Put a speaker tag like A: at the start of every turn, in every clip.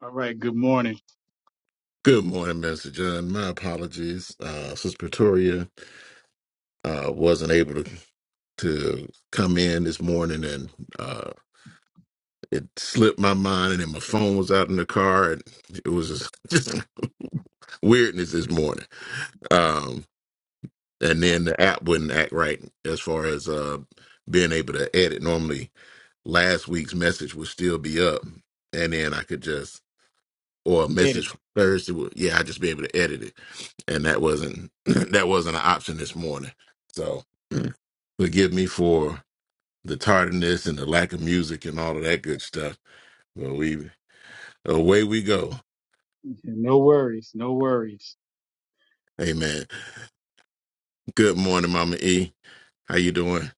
A: All right, good morning.
B: Good morning, Mr. John. My apologies. Uh, Sister Pretoria uh, wasn't able to, to come in this morning, and uh, it slipped my mind, and then my phone was out in the car, and it was just, just weirdness this morning. Um, and then the app wouldn't act right as far as uh, being able to edit. Normally, last week's message would still be up, and then I could just or a message
A: Eddie,
B: from Thursday. Well, yeah, I would just be able to edit it, and that wasn't that wasn't an option this morning. So forgive me for the tardiness and the lack of music and all of that good stuff. But we away we go.
A: no worries, no worries.
B: Amen. Good morning, Mama E. How you doing?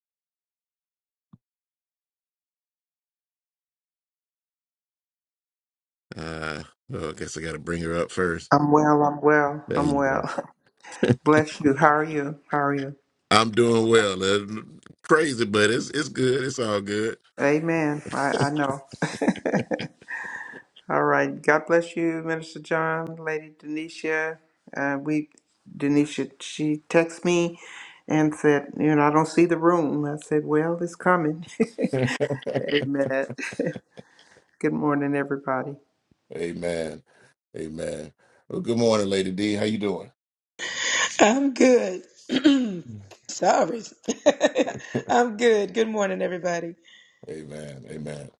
B: Uh, well, I guess I got to bring her up first.
C: I'm well, I'm well,
B: There
C: I'm
B: you go.
C: well. Bless you. How are you? How are you?
B: I'm doing well. Uh, crazy, but it's it's good. It's all good.
C: Amen. I, I know. All right. God bless you, Minister John, Lady Denisha. Uh, we, Denisha, she texted me and said, you know, I don't see the room. I said, well, it's coming. Amen. Good morning, everybody.
B: Amen. Amen. Well, good morning, Lady D. How you doing?
D: I'm good. Sorry. I'm good. Good morning, everybody.
B: Amen. Amen.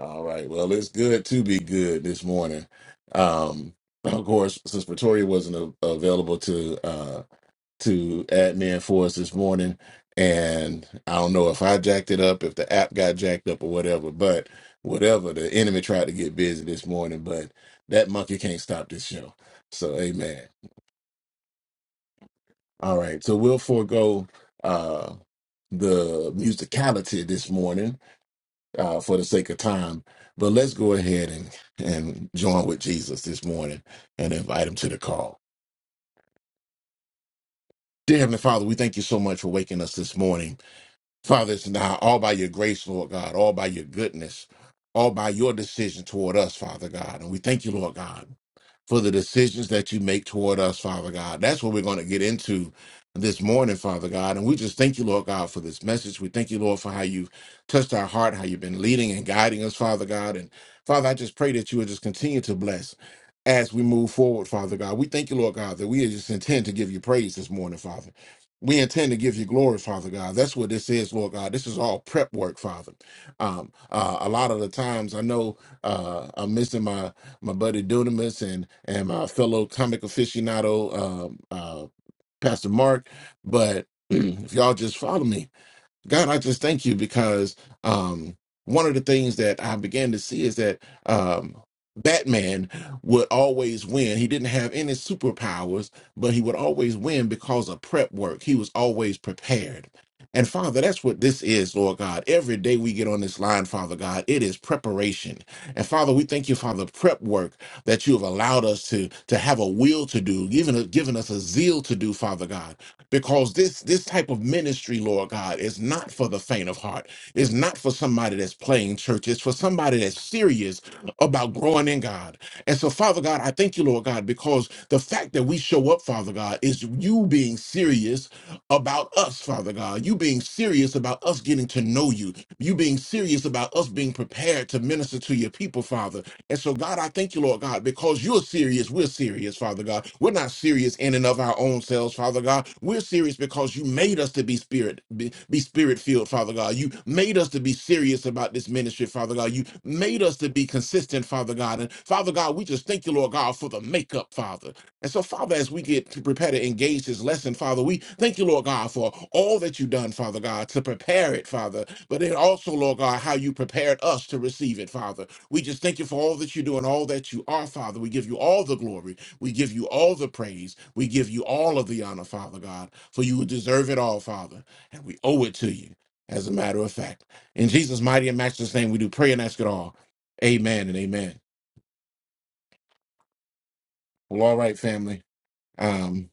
B: All right. Well, it's good to be good this morning. Um, of course, since Pretoria wasn't a- available to uh, to admin for us this morning. And I don't know if I jacked it up, if the app got jacked up or whatever, but whatever, the enemy tried to get busy this morning, but that monkey can't stop this show. So, amen. All right. So, we'll forego uh, the musicality this morning uh, for the sake of time, but let's go ahead and, and join with Jesus this morning and invite him to the call. Dear Heavenly Father, we thank you so much for waking us this morning. Father, it's now all by your grace, Lord God, all by your goodness, all by your decision toward us, Father God. And we thank you, Lord God, for the decisions that you make toward us, Father God. That's what we're going to get into this morning, Father God. And we just thank you, Lord God, for this message. We thank you, Lord, for how you've touched our heart, how you've been leading and guiding us, Father God. And Father, I just pray that you would just continue to bless as we move forward, Father God. We thank you, Lord God, that we just intend to give you praise this morning, Father. We intend to give you glory, Father God. That's what this is, Lord God. This is all prep work, Father. Um, uh, a lot of the times, I know uh, I'm missing my my buddy Dunamis and and my fellow comic aficionado, um, uh, Pastor Mark. But if y'all just follow me, God, I just thank you because um, one of the things that I began to see is that um, Batman would always win. He didn't have any superpowers, but he would always win because of prep work. He was always prepared. And Father, that's what this is, Lord God. Every day we get on this line, Father God, it is preparation. And Father, we thank you for the prep work that you have allowed us to, to have a will to do, given, given us a zeal to do, Father God because this this type of ministry lord god is not for the faint of heart it's not for somebody that's playing church it's for somebody that's serious about growing in god and so father god i thank you lord god because the fact that we show up father god is you being serious about us, Father God. You being serious about us getting to know you. You being serious about us being prepared to minister to your people, Father. And so, God, I thank you, Lord God, because you're serious. We're serious, Father God. We're not serious in and of our own selves, Father God. We're serious because you made us to be spirit, be, be spirit filled, Father God. You made us to be serious about this ministry, Father God. You made us to be consistent, Father God. And Father God, we just thank you, Lord God, for the makeup, Father. And so, Father, as we get to prepare to engage this lesson, Father, we thank you, Lord God, for all that you've done, Father God, to prepare it, Father. But then also, Lord God, how you prepared us to receive it, Father. We just thank you for all that you do and all that you are, Father. We give you all the glory. We give you all the praise. We give you all of the honor, Father God, for you deserve it all, Father. And we owe it to you, as a matter of fact. In Jesus' mighty and matchless name, we do pray and ask it all. Amen and amen. Well, all right, family. Um.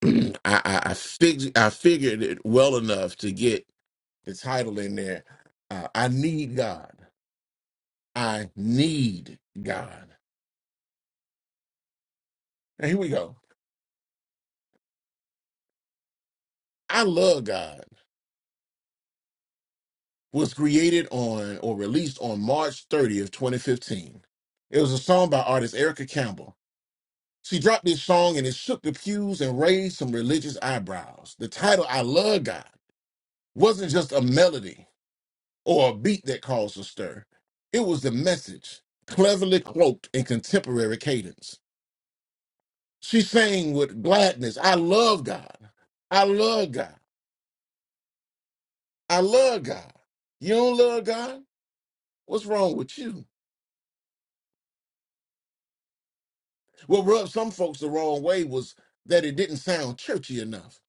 B: I I, I, fig- I figured it well enough to get the title in there. Uh, I need God. I need God. Now here we go. I love God was created on or released on March 30th, 2015. It was a song by artist Erica Campbell. She dropped this song and it shook the pews and raised some religious eyebrows. The title I love God wasn't just a melody. or a beat that caused a stir. It was the message, cleverly cloaked in contemporary cadence. She sang with gladness, I love God. I love God. I love God. You don't love God? What's wrong with you? What rubbed some folks the wrong way was that it didn't sound churchy enough.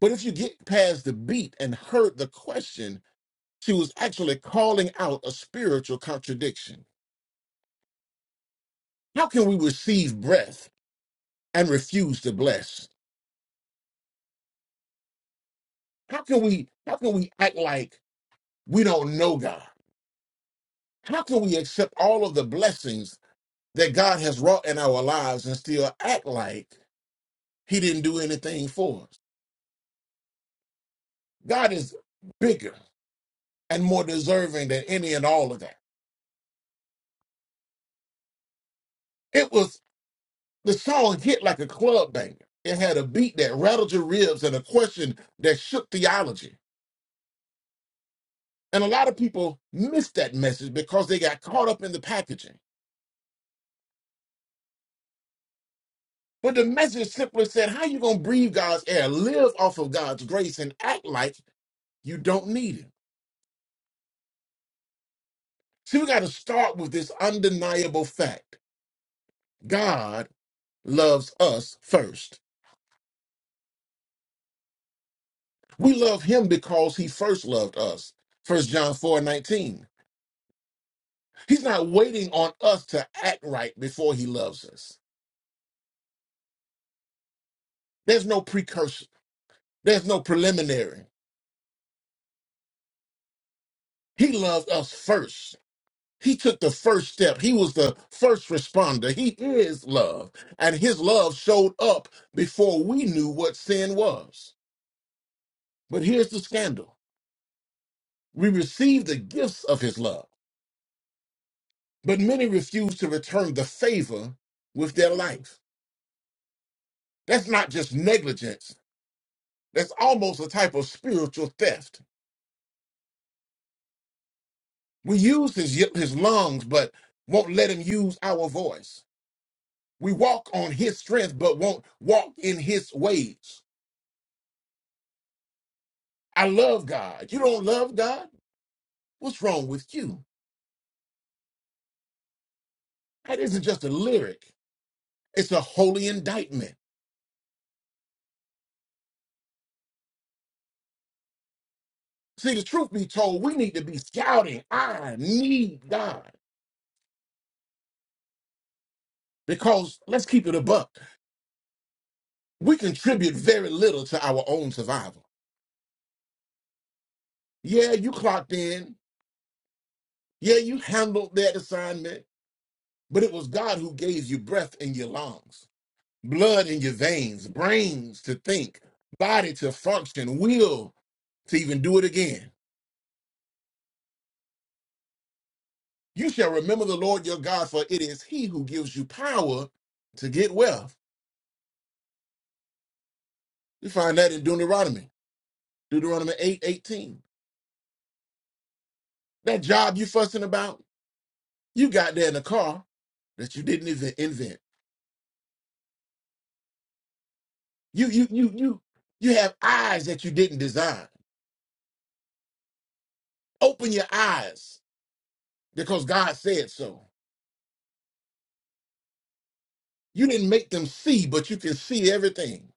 B: But if you get past the beat and heard the question, she was actually calling out a spiritual contradiction. How can we receive breath and refuse to bless? How can we how can we act like we don't know God? How can we accept all of the blessings that God has wrought in our lives and still act like he didn't do anything for us? God is bigger and more deserving than any and all of that. It was the song hit like a club banger. It had a beat that rattled your ribs and a question that shook theology. And a lot of people missed that message because they got caught up in the packaging. But the message simply said, how you gonna breathe God's air, live off of God's grace, and act like you don't need it? See, we gotta start with this undeniable fact. God loves us first. We love him because he first loved us. First John 4 19. He's not waiting on us to act right before he loves us. There's no precursor, there's no preliminary. He loved us first. He took the first step. He was the first responder. He is love. And his love showed up before we knew what sin was. But here's the scandal we receive the gifts of his love, but many refuse to return the favor with their life. That's not just negligence, that's almost a type of spiritual theft. We use his, his lungs, but won't let him use our voice. We walk on his strength, but won't walk in his ways. I love God. You don't love God? What's wrong with you? That isn't just a lyric, it's a holy indictment. See, the truth be told, we need to be shouting, I need God. Because let's keep it a buck. We contribute very little to our own survival. Yeah, you clocked in. Yeah, you handled that assignment. But it was God who gave you breath in your lungs, blood in your veins, brains to think, body to function, will to even do it again. You shall remember the Lord your God, for it is he who gives you power to get wealth. You find that in Deuteronomy, Deuteronomy 8 18. That job you fussing about, you got there in a car that you didn't even invent. You you you you you have eyes that you didn't design. Open your eyes because God said so. You didn't make them see, but you can see everything.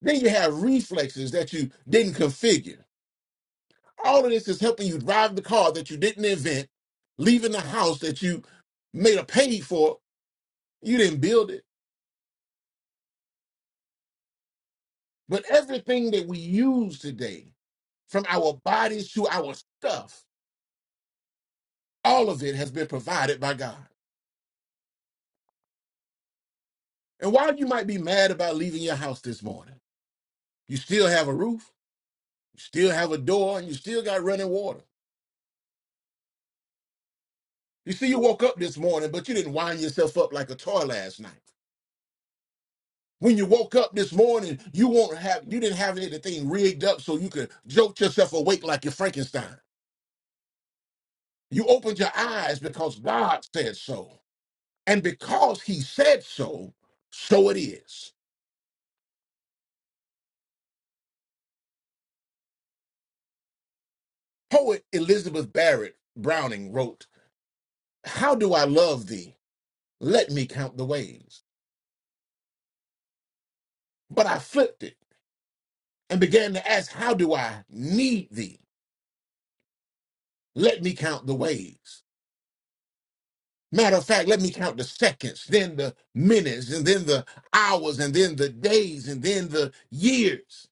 B: Then you have reflexes that you didn't configure. All of this is helping you drive the car that you didn't invent, leaving the house that you made a pay for. You didn't build it. But everything that we use today, from our bodies to our stuff, all of it has been provided by God. And while you might be mad about leaving your house this morning, you still have a roof, you still have a door, and you still got running water. You see, you woke up this morning, but you didn't wind yourself up like a toy last night. When you woke up this morning, you won't have you didn't have anything rigged up so you could jolt yourself awake like you're Frankenstein. You opened your eyes because God said so. And because he said so, so it is. Poet Elizabeth Barrett Browning wrote, How do I love thee? Let me count the ways. But I flipped it and began to ask, How do I need thee? Let me count the ways. Matter of fact, let me count the seconds, then the minutes, and then the hours, and then the days, and then the years.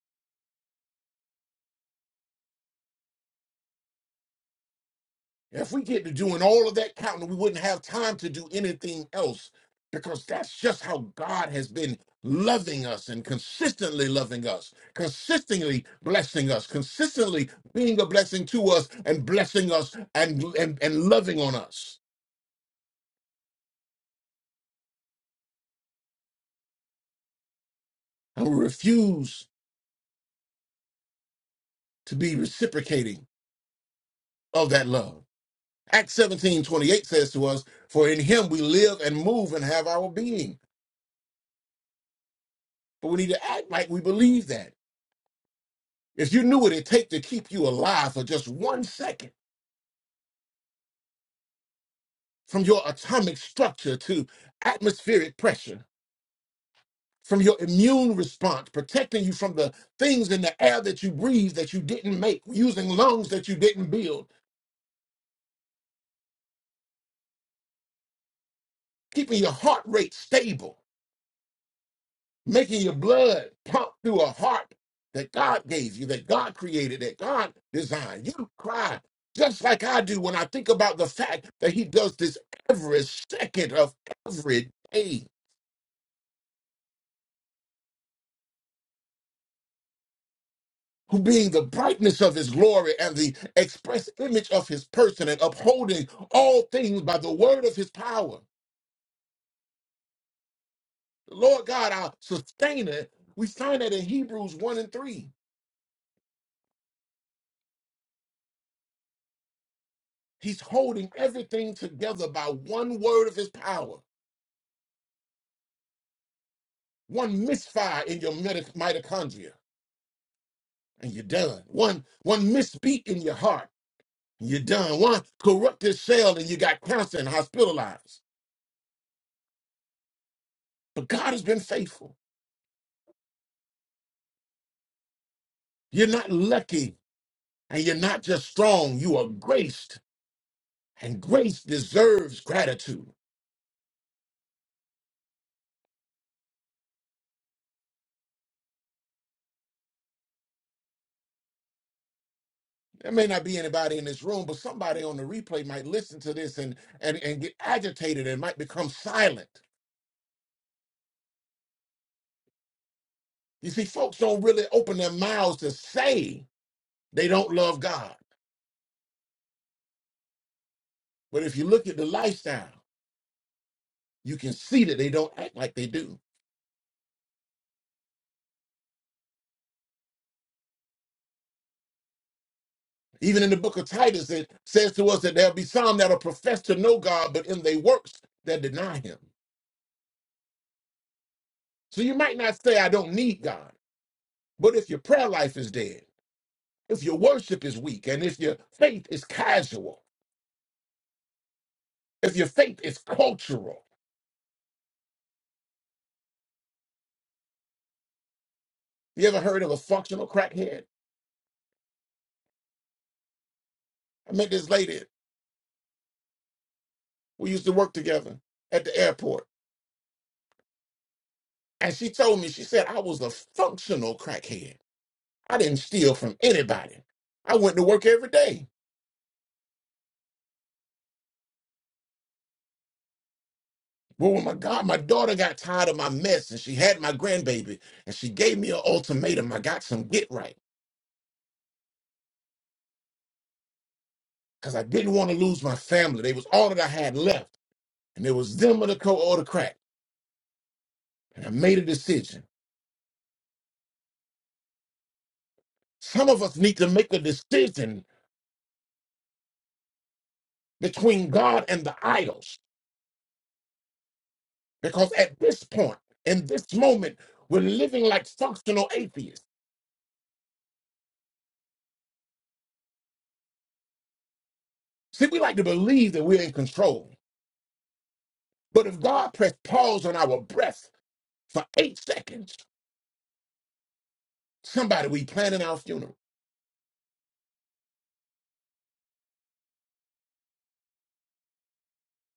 B: If we get to doing all of that counting, we wouldn't have time to do anything else because that's just how God has been loving us and consistently loving us, consistently blessing us, consistently being a blessing to us and blessing us and, and, and loving on us. And we refuse to be reciprocating of that love. Acts 17:28 says to us, For in him we live and move and have our being. But we need to act like we believe that. If you knew what it take to keep you alive for just one second, from your atomic structure to atmospheric pressure, from your immune response, protecting you from the things in the air that you breathe that you didn't make, using lungs that you didn't build, keeping your heart rate stable making your blood pump through a heart that God gave you, that God created, that God designed. You cry just like I do when I think about the fact that He does this every second of every day. Who being the brightness of his glory and the express image of his person and upholding all things by the word of his power. The Lord God, our sustainer, we find that in Hebrews 1 and 3. He's holding everything together by one word of his power. One misfire in your meta- mitochondria, and you're done. One one misbeat in your heart, and you're done. One corrupted cell, and you got cancer and hospitalized. But God has been faithful. You're not lucky, and you're not just strong. You are graced, and grace deserves gratitude. There may not be anybody in this room, but somebody on the replay might listen to this and and, and get agitated and might become silent. You see, folks don't really open their mouths to say they don't love God. But if you look at the lifestyle, you can see that they don't act like they do. Even in the book of Titus, it says to us that there'll be some that'll profess to know God, but in their works that deny him. So you might not say, I don't need God. But if your prayer life is dead, if your worship is weak, and if your faith is casual, if your faith is cultural, you ever heard of a functional crackhead? I met this lady. We used to work together at the airport. And she told me, she said, I was a functional crackhead. I didn't steal from anybody. I went to work every day. Well, when my God, my daughter got tired of my mess and she had my grandbaby and she gave me an ultimatum. I got some get right because I didn't want to lose my family. They was all that I had left. And it was them or the co or the crack. And I made a decision. Some of us need to make a decision between God and the idols. Because at this point, in this moment, we're living like functional atheists. See, we like to believe that we're in control. But if God pressed pause on our breath for eight seconds, somebody we planning our funeral.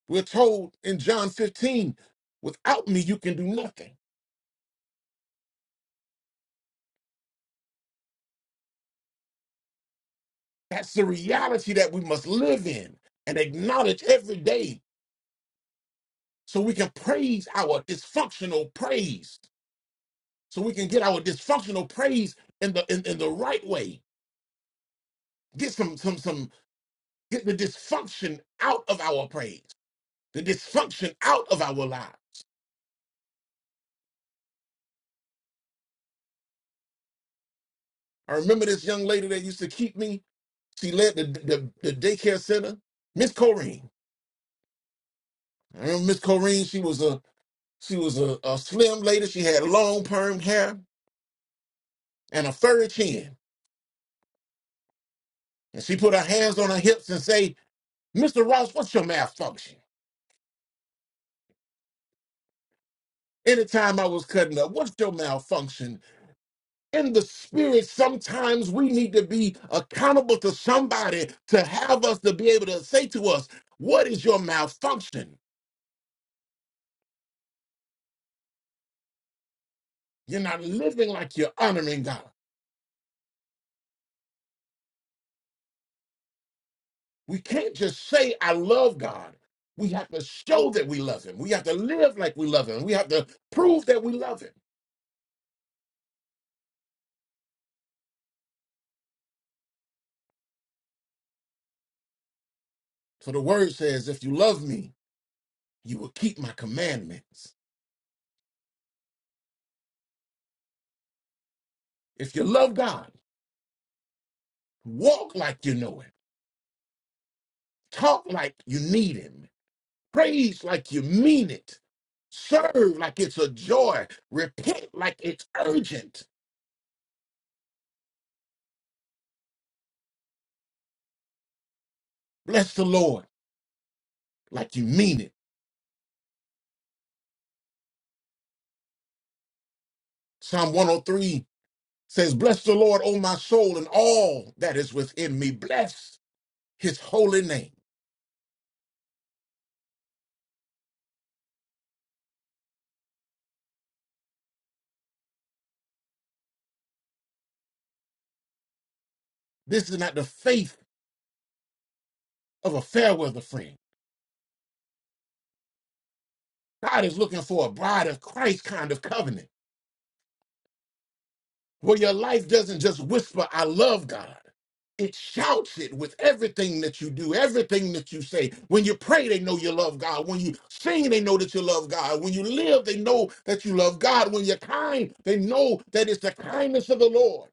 B: We're told in John 15, without me, you can do nothing. That's the reality that we must live in and acknowledge every day so we can praise our dysfunctional praise. So we can get our dysfunctional praise in the in, in the right way. Get some some some get the dysfunction out of our praise, the dysfunction out of our lives. I remember this young lady that used to keep me. She led the the, the daycare center. Miss Corrine. I remember Miss Corrine. She was a she was a, a slim lady. She had long perm hair and a furry chin. And she put her hands on her hips and say, "Mr. Ross, what's your malfunction?" Anytime I was cutting up, what's your malfunction? In the spirit, sometimes we need to be accountable to somebody to have us to be able to say to us, "What is your malfunction?" You're not living like you're honoring God. We can't just say, I love God. We have to show that we love Him. We have to live like we love Him. We have to prove that we love Him. So the word says, If you love me, you will keep my commandments. If you love God, walk like you know Him, talk like you need Him, praise like you mean it, serve like it's a joy, repent like it's urgent. Bless the Lord like you mean it. Psalm one o three. says, Bless the Lord, O my soul, and all that is within me. Bless his holy name. This is not the faith of a fair weather friend. God is looking for a bride of Christ kind of covenant where your life doesn't just whisper, I love God. It shouts it with everything that you do, everything that you say. When you pray, they know you love God. When you sing, they know that you love God. When you live, they know that you love God. When you're kind, they know that it's the kindness of the Lord.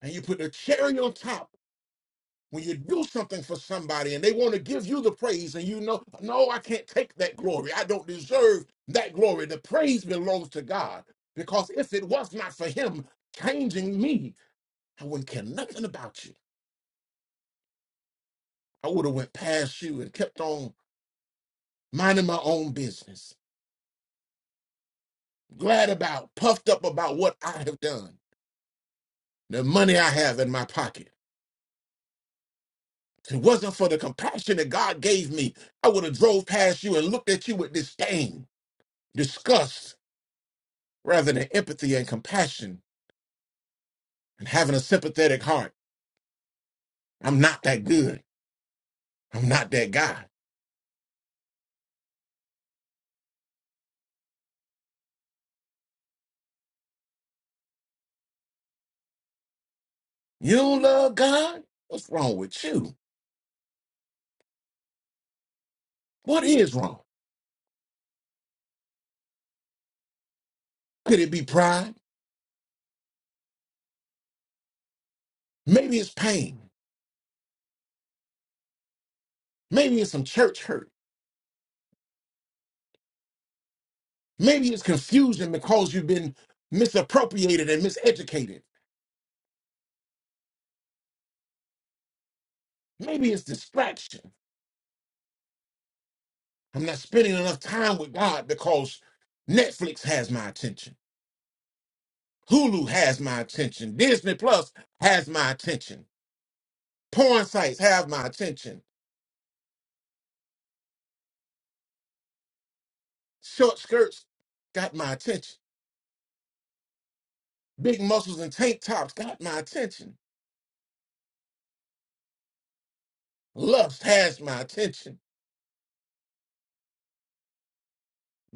B: And you put the cherry on top when you do something for somebody and they want to give you the praise and you know no i can't take that glory i don't deserve that glory the praise belongs to god because if it was not for him changing me i wouldn't care nothing about you i would have went past you and kept on minding my own business glad about puffed up about what i have done the money i have in my pocket if it wasn't for the compassion that god gave me i would have drove past you and looked at you with disdain disgust rather than empathy and compassion and having a sympathetic heart. I'm not that good. I'm not that guy. You love God? What's wrong with you? What is wrong? Could it be pride? Maybe it's pain. Maybe it's some church hurt. Maybe it's confusion because you've been misappropriated and miseducated. Maybe it's distraction. I'm not spending enough time with God because Netflix has my attention. Hulu has my attention. Disney Plus has my attention. Porn sites have my attention. Short skirts got my attention. Big muscles and tank tops got my attention. Lust has my attention.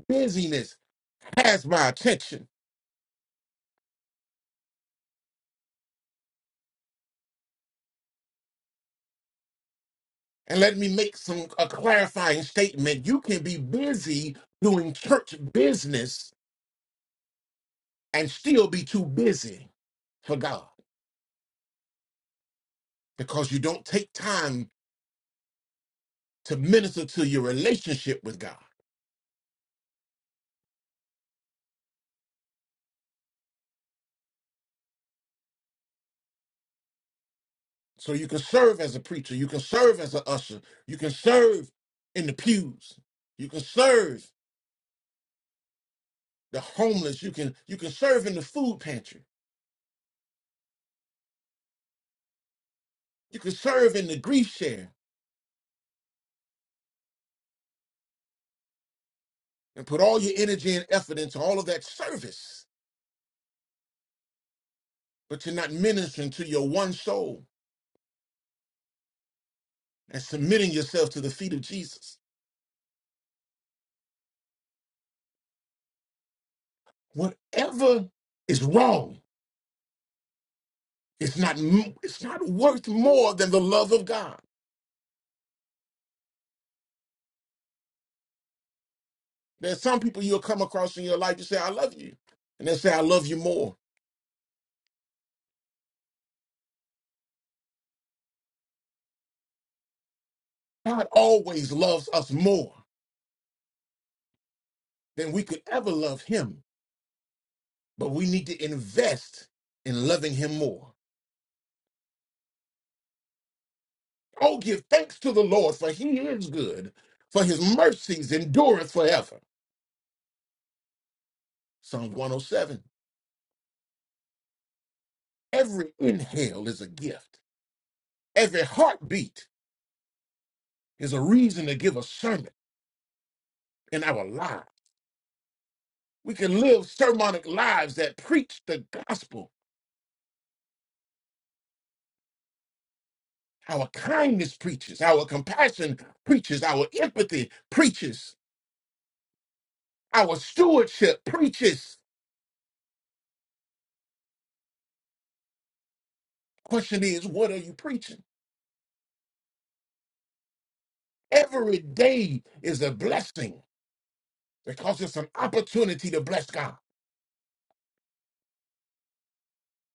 B: Busyness has my attention. And let me make some a clarifying statement. You can be busy doing church business and still be too busy for God because you don't take time to minister to your relationship with God. So you can serve as a preacher, you can serve as an usher, you can serve in the pews, you can serve the homeless, you can you can serve in the food pantry, you can serve in the grief share, and put all your energy and effort into all of that service. But you're not ministering to your one soul and submitting yourself to the feet of Jesus. Whatever is wrong, it's not m- it's not worth more than the love of God. There's some people you'll come across in your life. You say, "I love you," and they say, "I love you more." God always loves us more than we could ever love him, but we need to invest in loving him more. Oh, give thanks to the Lord, for he is good, for his mercies endureth forever. Psalm 107. Every inhale is a gift, every heartbeat is a reason to give a sermon in our lives. We can live sermonic lives that preach the gospel. Our kindness preaches, our compassion preaches, our empathy preaches. Our stewardship preaches. Question is, what are you preaching? Every day is a blessing because it's an opportunity to bless God.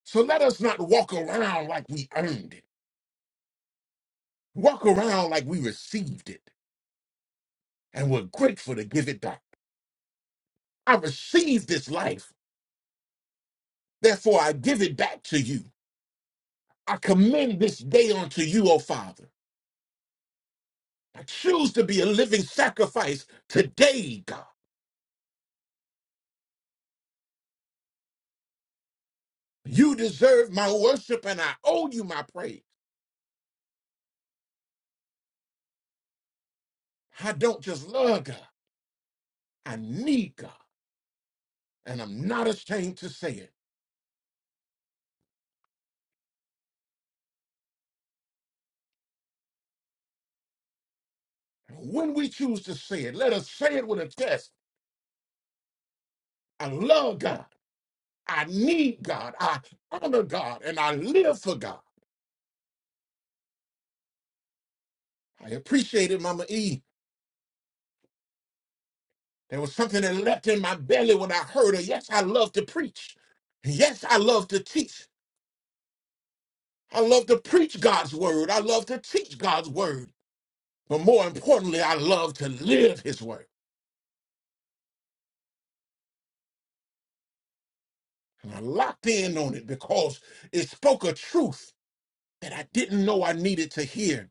B: So let us not walk around like we earned it. Walk around like we received it and we're grateful to give it back. I received this life, therefore I give it back to you. I commend this day unto you, O Father. I choose to be a living sacrifice today, God. You deserve my worship and I owe you my praise. I don't just love God, I need God. And I'm not ashamed to say it. And When we choose to say it, let us say it with a test. I love God. I need God. I honor God. And I live for God. I appreciated Mama E. There was something that leapt in my belly when I heard her. Yes, I love to preach. Yes, I love to teach. I love to preach God's word. I love to teach God's word. But more importantly, I love to live his word. And I locked in on it because it spoke a truth that I didn't know I needed to hear,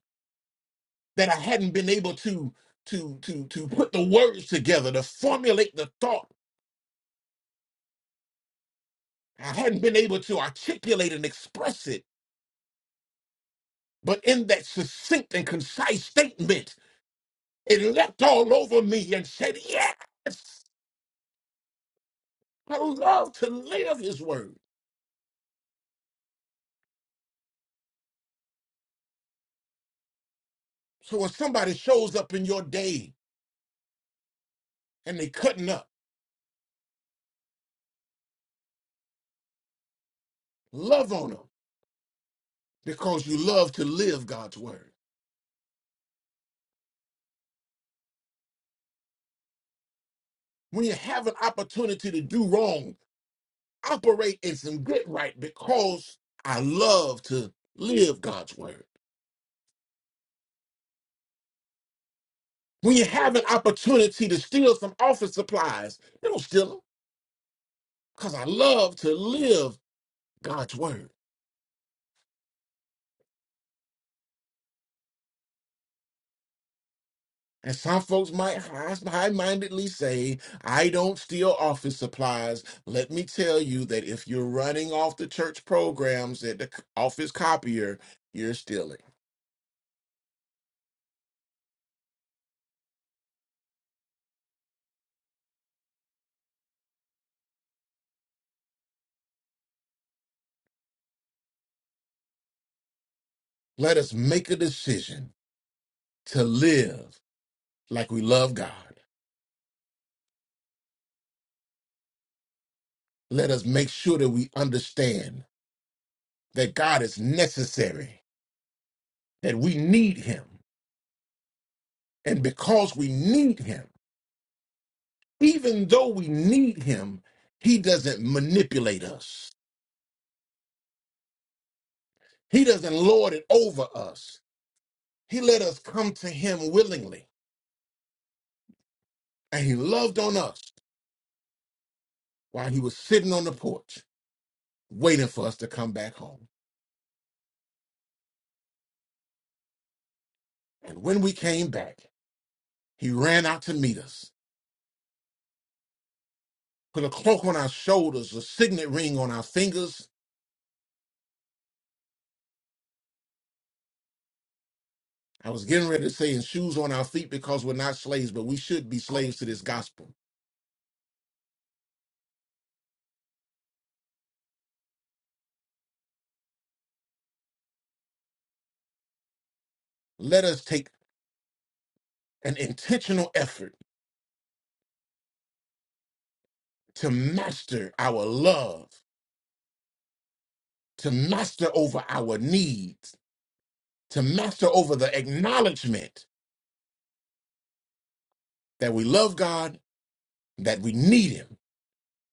B: that I hadn't been able to to to to put the words together, to formulate the thought. I hadn't been able to articulate and express it. But in that succinct and concise statement, it leapt all over me and said, Yes, I love to live his word. So when somebody shows up in your day and they cutting up, love on them because you love to live God's word. when you have an opportunity to do wrong, operate in some good right because I love to live God's word. When you have an opportunity to steal some office supplies, you don't steal them because I love to live God's word. And some folks might high mindedly say, I don't steal office supplies. Let me tell you that if you're running off the church programs at the c- office copier, you're stealing. Let us make a decision to live like we love God. Let us make sure that we understand that God is necessary, that we need Him. And because we need Him, even though we need Him, He doesn't manipulate us, He doesn't lord it over us. He let us come to Him willingly, and He loved on us while He was sitting on the porch waiting for us to come back home. And when we came back, He ran out to meet us, put a cloak on our shoulders, a signet ring on our fingers I was getting ready to say, and shoes on our feet because we're not slaves, but we should be slaves to this gospel. Let us take an intentional effort to master our love, to master over our needs, to master over the acknowledgement that we love God, that we need Him,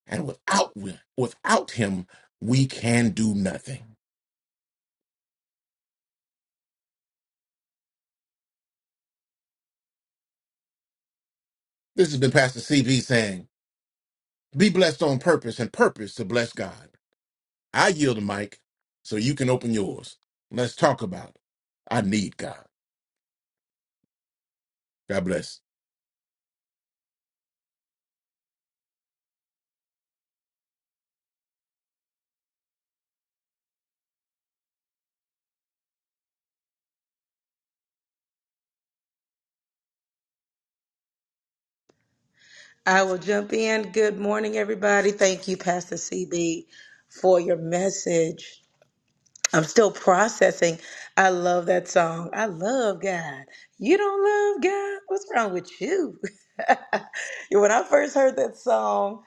B: and without without Him, we can do nothing. This has been Pastor CB saying, "Be blessed on purpose, and purpose to bless God." I yield the mic so you can open yours. Let's talk about it. I need God. God bless.
D: I will jump in. Good morning, everybody. Thank you, Pastor CB, for your message. I'm still processing. I love that song. I love God. You don't love God? What's wrong with you? when I first heard that song,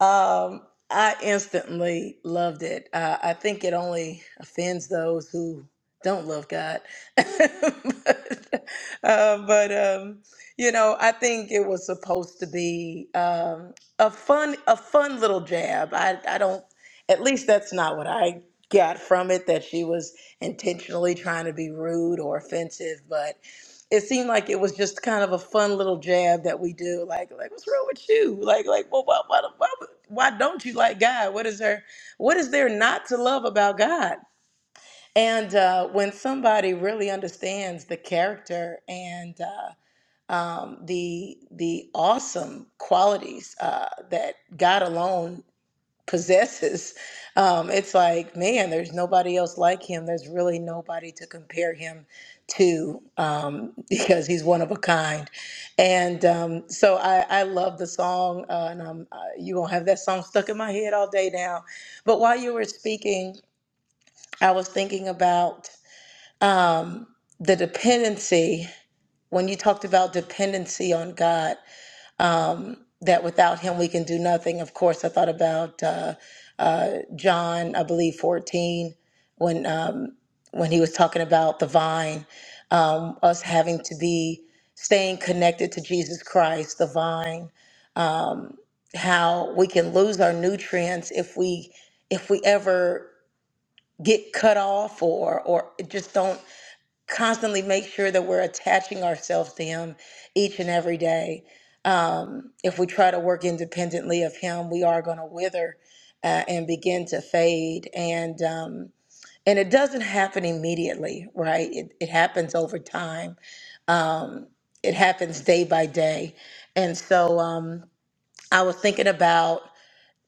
D: um, I instantly loved it. Uh, I think it only offends those who don't love God. but, uh, but um, you know, I think it was supposed to be um, a fun, a fun little jab. I, I don't at least that's not what I got from it, that she was intentionally trying to be rude or offensive, but it seemed like it was just kind of a fun little jab that we do, like, like what's wrong with you? Like, like, well, why, why, why, why don't you like God? What is there, what is there not to love about God? And uh, when somebody really understands the character and uh, um, the the awesome qualities uh, that God alone possesses. Um, it's like, man, there's nobody else like him. There's really nobody to compare him to um, because he's one of a kind. And um, so I, I love the song, uh, and um, uh, you gonna have that song stuck in my head all day now. But while you were speaking, I was thinking about um, the dependency when you talked about dependency on God um, that without him we can do nothing. Of course, I thought about uh, uh, John, I believe fourteen, when um, when he was talking about the vine, um, us having to be staying connected to Jesus Christ, the vine. Um, how we can lose our nutrients if we if we ever get cut off or or just don't constantly make sure that we're attaching ourselves to Him each and every day. Um, if we try to work independently of Him, we are going to wither uh, and begin to fade. And um, and it doesn't happen immediately, right? It, it happens over time. Um, it happens day by day. And so um, I was thinking about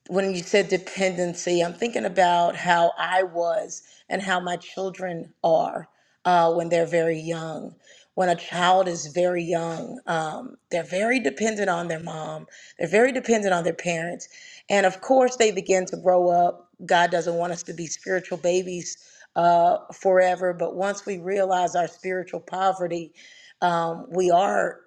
D: when you said dependency, I'm thinking about how I was and how my children are uh, when they're very young. When a child is very young, um, they're very dependent on their mom, they're very dependent on their parents. And of course, they begin to grow up. God doesn't want us to be spiritual babies uh, forever, but once we realize our spiritual poverty, um, we are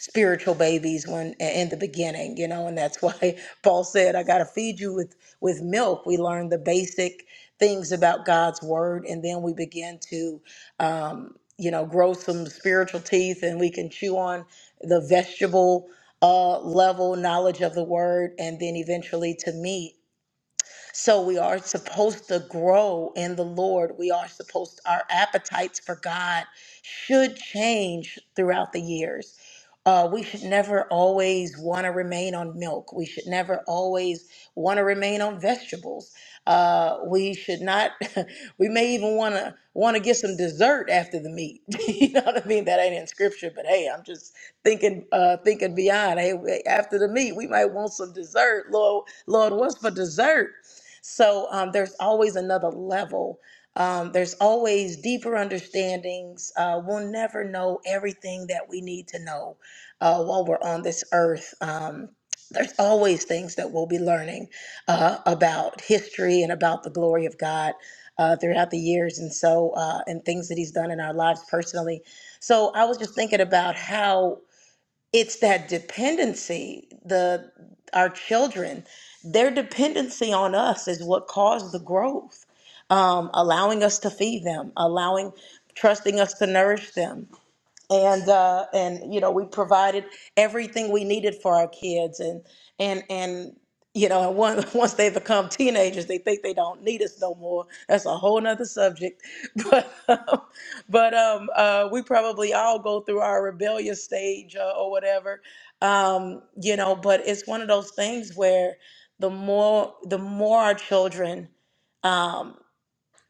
D: spiritual babies when in the beginning you know and that's why paul said i got to feed you with with milk we learn the basic things about god's word and then we begin to um, you know grow some spiritual teeth and we can chew on the vegetable uh, level knowledge of the word and then eventually to meat so we are supposed to grow in the Lord. We are supposed our appetites for God should change throughout the years. Uh, we should never always want to remain on milk. We should never always want to remain on vegetables. Uh, we should not. We may even want to want to get some dessert after the meat. you know what I mean? That ain't in scripture, but hey, I'm just thinking uh thinking beyond hey after the meat, we might want some dessert lord lord what's for dessert so um, there's always another level. Um, there's always deeper understandings. Uh, we'll never know everything that we need to know uh, while we're on this earth. Um, there's always things that we'll be learning uh, about history and about the glory of God uh, throughout the years, and so uh, and things that He's done in our lives personally. So I was just thinking about how it's that dependency the our children their dependency on us is what caused the growth um, allowing us to feed them allowing trusting us to nourish them and uh, and you know we provided everything we needed for our kids and and and you know once once they become teenagers they think they don't need us no more that's a whole nother subject but um, but um uh, we probably all go through our rebellious stage uh, or whatever um you know but it's one of those things where the more the more our children Um,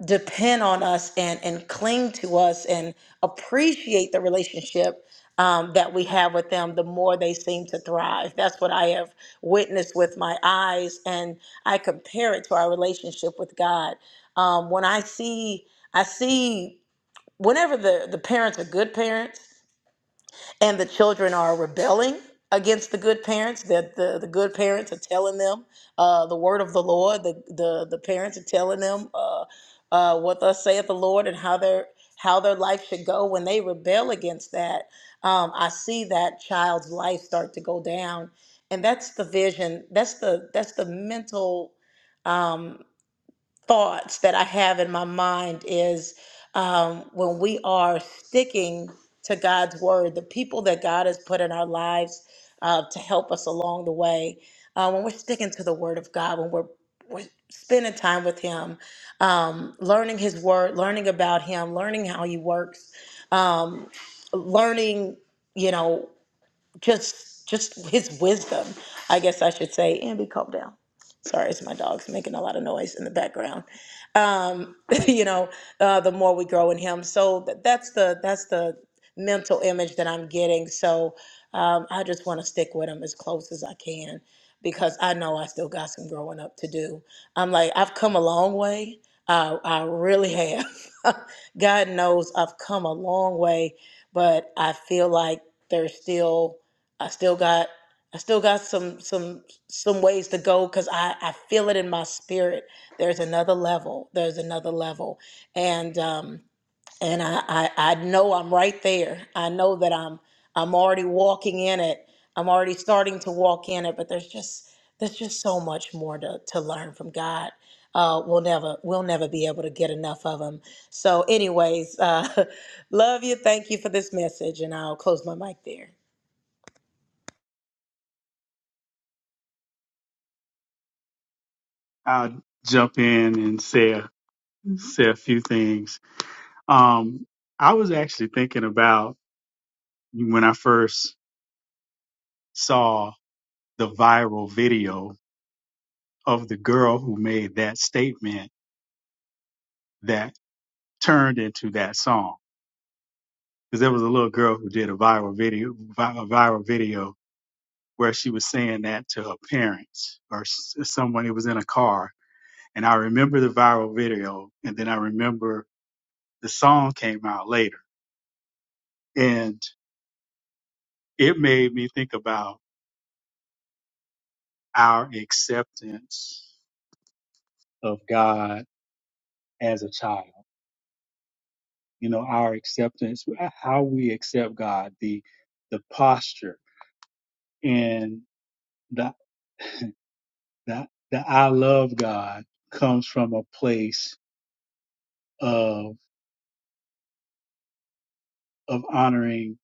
D: depend on us and and cling to us and appreciate the relationship um, that we have with them, the more they seem to thrive. That's what I have witnessed with my eyes, and I compare it to our relationship with God. Um, when I see, I see whenever the the parents are good parents and the children are rebelling against the good parents that the, the good parents are telling them uh, the word of the lord the, the, the parents are telling them uh, uh, what thus saith the lord and how their how their life should go when they rebel against that um, i see that child's life start to go down and that's the vision that's the that's the mental Um, thoughts that I have in my mind is um, when we are sticking to God's word, the people that God has put in our lives uh, to help us along the way, uh, when we're sticking to the word of God, when we're, we're spending time with Him, um, learning His word, learning about Him, learning how He works, um, learning, you know just just his wisdom, I guess I should say. Ambi, calm down. Sorry, it's my dog's making a lot of noise in the background. Um, you know, uh, the more we grow in him, so th- that's the that's the mental image that I'm getting. So um, I just want to stick with him as close as I can because I know I still got some growing up to do. I'm like I've come a long way. I, I really have. God knows I've come a long way, but I feel like there's still I still got I still got some some some ways to go because I, I feel it in my spirit. There's another level. There's another level. And um and I, I, I know I'm right there. I know that I'm I'm already walking in it. I'm already starting to walk in it, but there's just there's just so much more to, to learn from God. Uh, we'll never we'll never be able to get enough of him. So anyways, uh, love you. Thank you for this message and I'll close my mic there.
A: I'll jump in and say a, say a few things. Um, I was actually thinking about when I first saw the viral video of the girl who made that statement that turned into that song. Because there was a little girl who did a viral video, vi- a viral video where she was saying that to her parents or s- someone who was in a car And I remember the viral video. And then I remember the song came out later. And it made me think about our acceptance of God as a child. You know, our acceptance, uh, how we accept God, the the posture and the the the I love God comes from a place of of honoring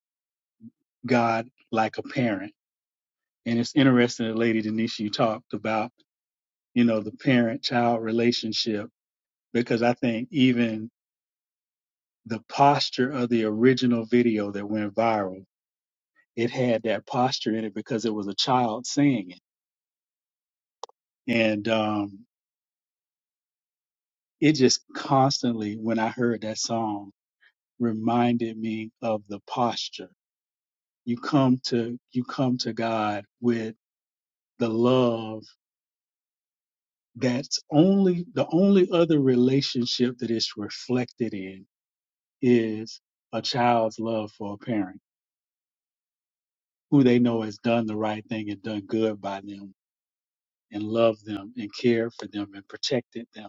A: God like a parent. And it's interesting that Lady Denisha you talked about you know, the parent child relationship because I think even the posture of the original video that went viral, it had that posture in it because it was a child saying it. And um, it just constantly, when I heard that song, reminded me of the posture. You come to you come to God with the love that's only the only other relationship that it's reflected in is a child's love for a parent who they know has done the right thing and done good by them and loved them and cared for them and protected them.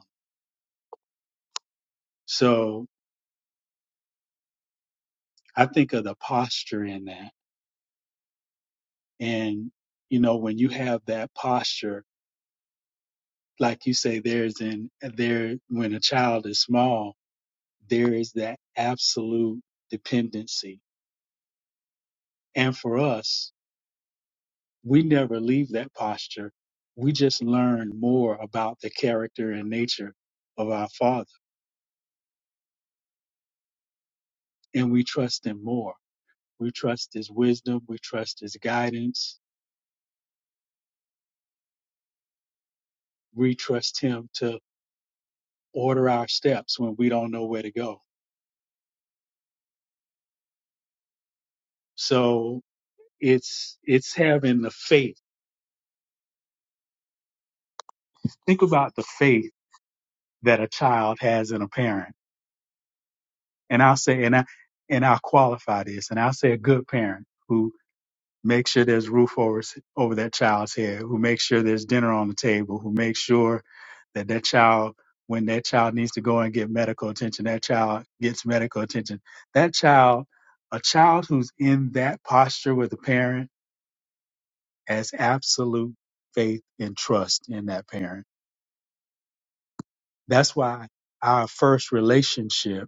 A: So I think of the posture in that. And, you know, when you have that posture, like you say, there's in there, when a child is small, there is that absolute dependency. And for us, we never leave that posture. We just learn more about the character and nature of our Father and we trust Him more We trust his wisdom. We trust his guidance. We trust him to order our steps when we don't know where to go. So it's, it's having the faith. Think about the faith that a child has in a parent. And I'll say, and I, and I'll qualify this and I'll say a good parent who. make sure there's roof over over that child's head, who makes sure there's dinner on the table, who makes sure that that child, when that child needs to go and get medical attention, that child gets medical attention. That child, a child who's in that posture with a parent has absolute faith and trust in that parent. That's why our first relationship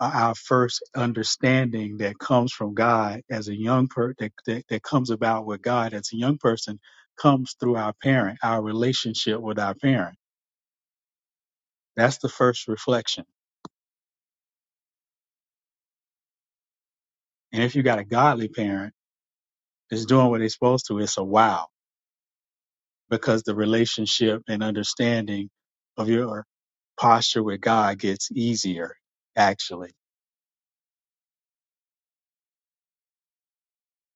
A: uh, our first understanding that comes from God as a young per that, that, that comes about with God as a young person comes through our parent, our relationship with our parent. That's the first reflection. And if you got a godly parent that's doing what they're supposed to, it's a wow because the relationship and understanding of your posture with God gets easier actually.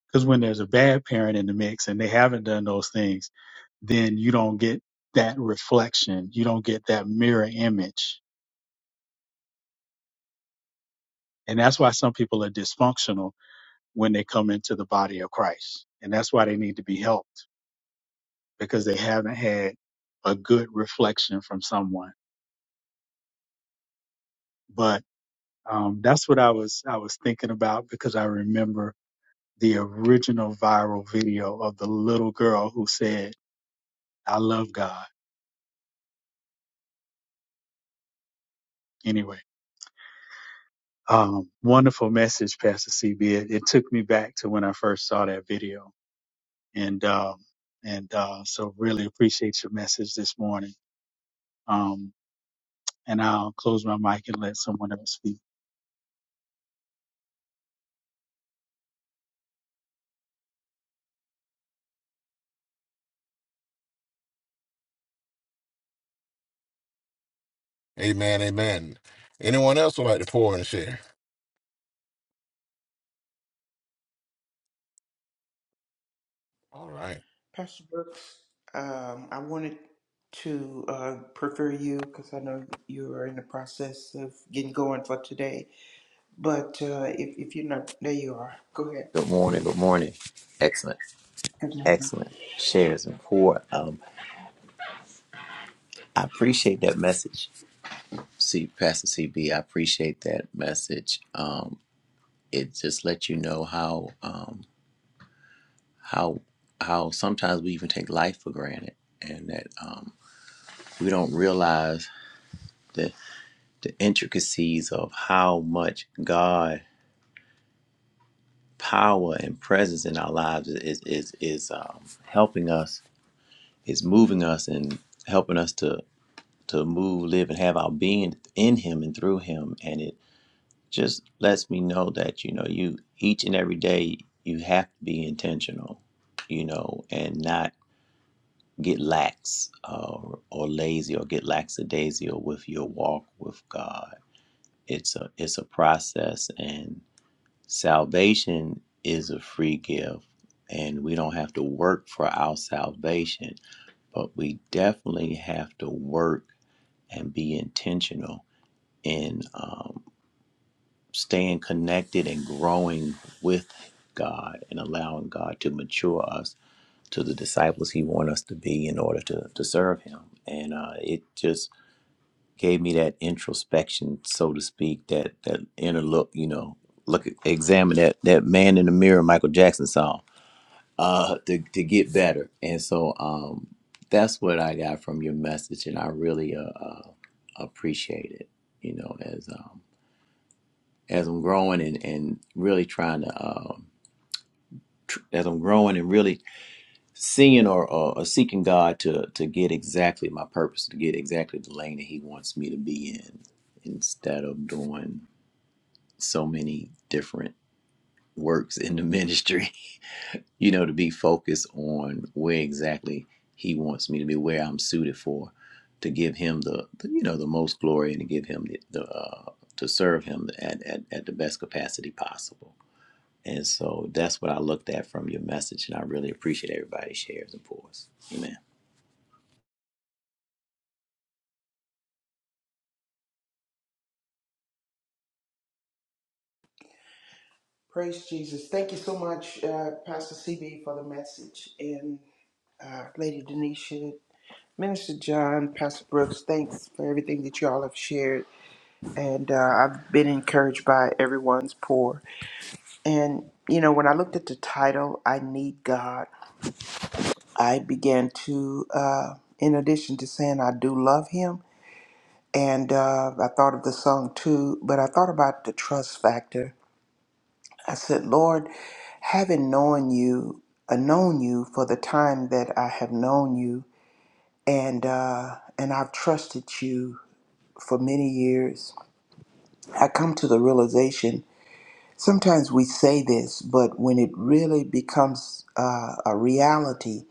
A: Because when there's a bad parent in the mix and they haven't done those things, then you don't get that reflection. You don't get that mirror image. And that's why some people are dysfunctional when they come into the body of Christ. And that's why they need to be helped because they haven't had a good reflection from someone. But um, that's what I was I was thinking about because I remember the original viral video of the little girl who said, "I love God." Anyway. Um, wonderful message, Pastor CB. It, it took me back to when I first saw that video, and um, and uh, so really appreciate your message this morning. Um, and I'll close my mic and let someone else speak.
B: Amen. Amen. Anyone else would like to pour and share? All right.
C: Pastor Brooks, um, I wanted to uh, prefer you because I know you are in the process of getting going for today. But uh, if, if you're not, there you are. Go ahead.
E: Good morning. Good morning. Excellent.
C: Good morning.
E: Excellent shares and pour. Um, I appreciate that message, see, Pastor CB. I appreciate that message. Um, it just lets you know how um, how how sometimes we even take life for granted, and that um, we don't realize the the intricacies of how much God power and presence in our lives is is is um, helping us, is moving us, and helping us to to move, live, and have our being in Him and through Him. And it just lets me know that, you know, you each and every day you have to be intentional, you know, and not get lax uh, or lazy or get lackadaisical with your walk with God. It's a it's a process and salvation is a free gift and we don't have to work for our salvation, but we definitely have to work and be intentional in um, staying connected and growing with God and allowing God to mature us to the disciples He wants us to be in order to, to serve Him. And uh, it just gave me that introspection, so to speak, that that inner look, you know, look, at- examine that that man in the mirror, Michael Jackson song, uh, to to get better. And so um, that's what I got from your message, and I really uh, uh, appreciate it. You know, as um, as I'm growing and, and really trying to, um, tr- as I'm growing and really seeing or, or, or seeking God to, to get exactly my purpose, to get exactly the lane that He wants me to be in, instead of doing so many different works in the ministry, you know, to be focused on where exactly He wants me to be, where I'm suited for, to give Him the, the you know, the most glory and to give Him the, the uh, to serve Him at, at, at the best capacity possible And so that's what I looked at from your message, and I really appreciate everybody shares and pours. Amen.
C: Praise Jesus. Thank you so much, uh, Pastor CB, for the message. And uh, Lady Denisha, Minister John, Pastor Brooks, thanks for everything that you all have shared. And uh, I've been encouraged by everyone's pour. And, you know, when I looked at the title, I Need God, I began to, uh, in addition to saying I do love Him, and uh, I thought of the song too, but I thought about the trust factor I said, Lord, having known you, uh, known you for the time that I have known you, and uh, and I've trusted you for many years, I come to the realization. Sometimes we say this, but when it really becomes uh, a reality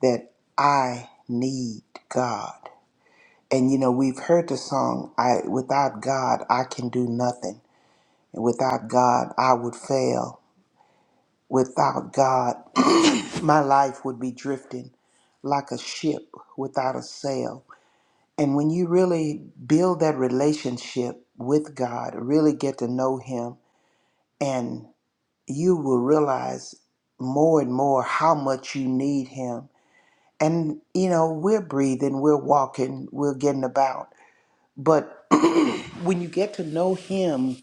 C: that I need God, and you know we've heard the song, "I without God I can do nothing, and without God I would fail." Without God, my life would be drifting like a ship without a sail. And when you really build that relationship with God, really get to know Him, and you will realize more and more how much you need Him. And, you know, we're breathing, we're walking, we're getting about. But when you get to know Him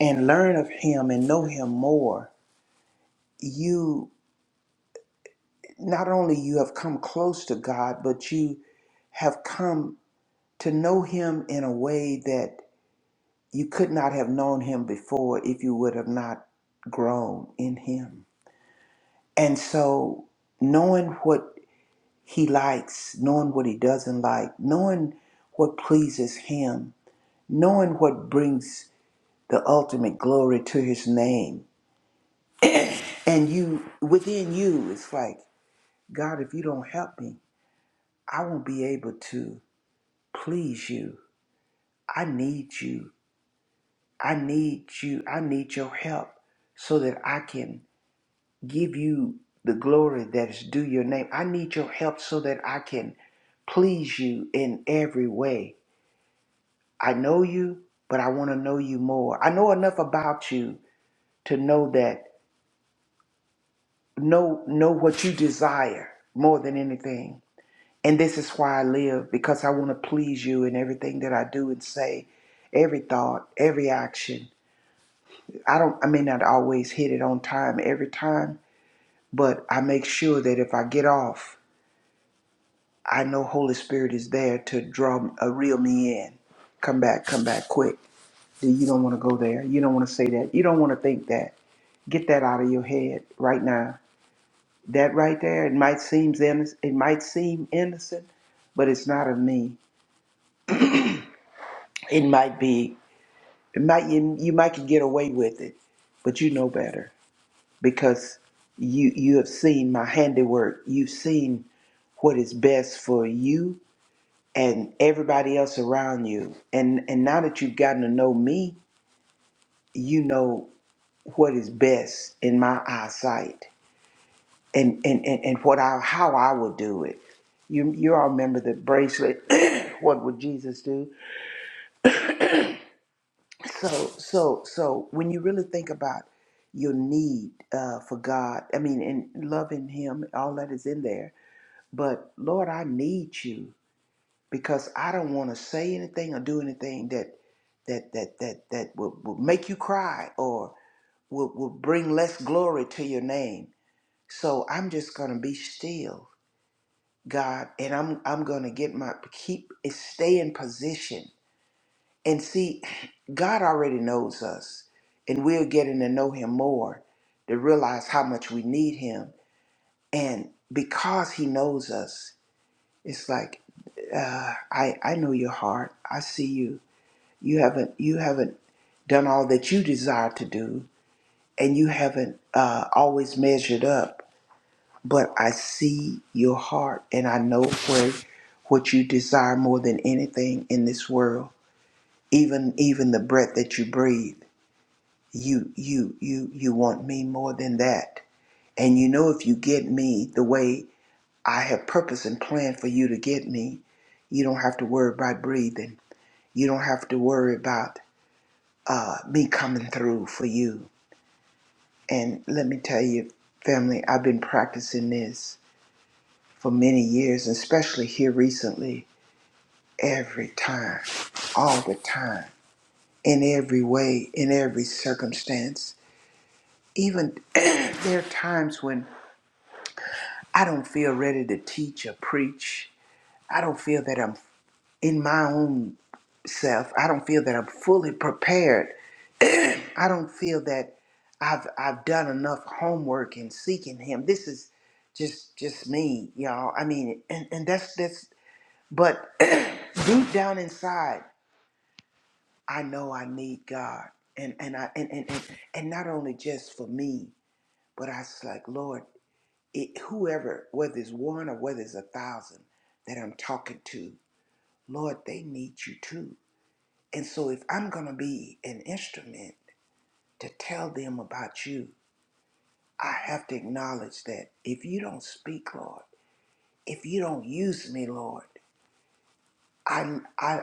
C: and learn of Him and know Him more, you. not only you have come close to God, but you have come to know him in a way that you could not have known him before if you would have not grown in him. And so knowing what he likes, knowing what he doesn't like, knowing what pleases him, knowing what brings the ultimate glory to his name. And you within you it's like, God, if you don't help me, I won't be able to please you I need you. I need you. I need your help so that I can give you the glory that is due your name. I need your help so that I can please you in every way. I know you, but I want to know you more. I know enough about you to know that know know what you desire more than anything. And this is why I live because I want to please you in everything that I do and say, every thought, every action. I don't I may not always hit it on time every time, but I make sure that if I get off, I know Holy Spirit is there to draw a reel me in. Come back, come back quick. You don't want to go there. You don't want to say that. You don't want to think that. Get that out of your head right now. That right there, it might seem innocent, it might seem innocent, but it's not of me. It might be. It might you, you might get away with it, but you know better because you you have seen my handiwork you've seen what is best for you and everybody else around you and and now that you've gotten to know me you know what is best in my eyesight and and and, and what I how I would do it you you all remember the bracelet what would Jesus do so so so when you really think about your need uh, for God I mean and loving him all that is in there But Lord, I need you because I don't want to say anything or do anything that that that that that will, will make you cry or will, will bring less glory to your name. So I'm just gonna be still, God, and I'm I'm gonna get my keep stay in position. And see, God already knows us, and we're getting to know Him more to realize how much we need Him. And because He knows us, It's like uh, I I know your heart. I see you. You haven't you haven't done all that you desire to do, and you haven't uh, always measured up. But I see your heart, and I know where what you desire more than anything in this world. Even even the breath that you breathe, you you you you want me more than that. And you know if you get me the way I have purpose and plan for you to get me, you don't have to worry about breathing You don't have to worry about uh, me coming through for you. And let me tell you, family, I've been practicing this for many years, and especially here recently, every time, all the time, in every way, in every circumstance. Even there are times when I don't feel ready to teach or preach. I don't feel that I'm in my own self. I don't feel that I'm fully prepared I don't feel that I've I've done enough homework in seeking him. This is just just me, y'all. I mean, and and that's that's but deep down inside, I know I need God. And and I and and and, and not only just for me, but I was like, Lord, it, whoever, whether it's one or whether it's a thousand that I'm talking to, Lord, they need you too. And so if I'm gonna be an instrument to tell them about you, I have to acknowledge that if you don't speak, Lord, if you don't use me, Lord, I, I,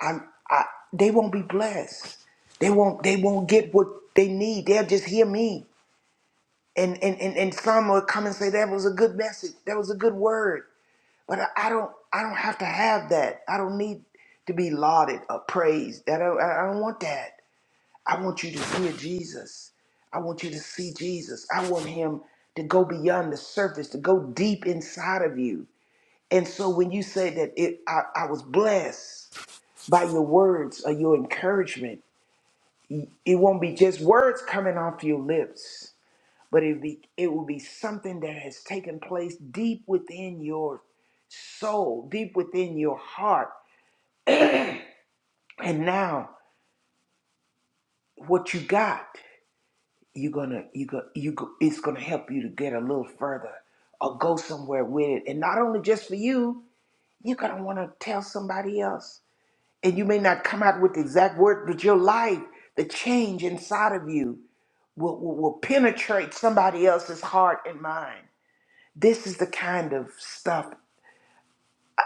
C: I, I, they won't be blessed. They won't, they won't get what they need. They'll just hear me. And, and, and, and some will come and say, that was a good message. That was a good word. But I, I don't, I don't have to have that. I don't need to be lauded or praised. That I, I don't want that. I want you to hear Jesus. I want you to see Jesus. I want him to go beyond the surface, to go deep inside of you. And so when you say that it, I, I was blessed by your words or your encouragement, it won't be just words coming off your lips, but it be it will be something that has taken place deep within your soul, deep within your heart. And now what you got. you're gonna you go you go it's gonna help you to get a little further or go somewhere with it and not only just for you you're gonna want to tell somebody else and you may not come out with the exact word but your life the change inside of you will, will, will penetrate somebody else's heart and mind this is the kind of stuff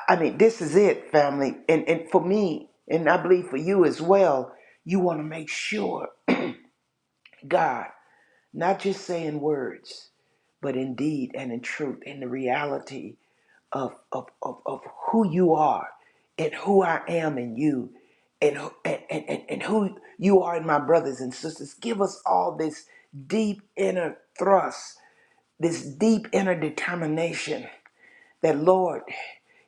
C: i mean this is it family and and for me and i believe for you as well you want to make sure god not just saying words but in deed and in truth, in the reality of, of, of, of who you are and who I am in you and, and, and, and, and who you are in my brothers and sisters. Give us all this deep inner thrust, this deep inner determination that Lord,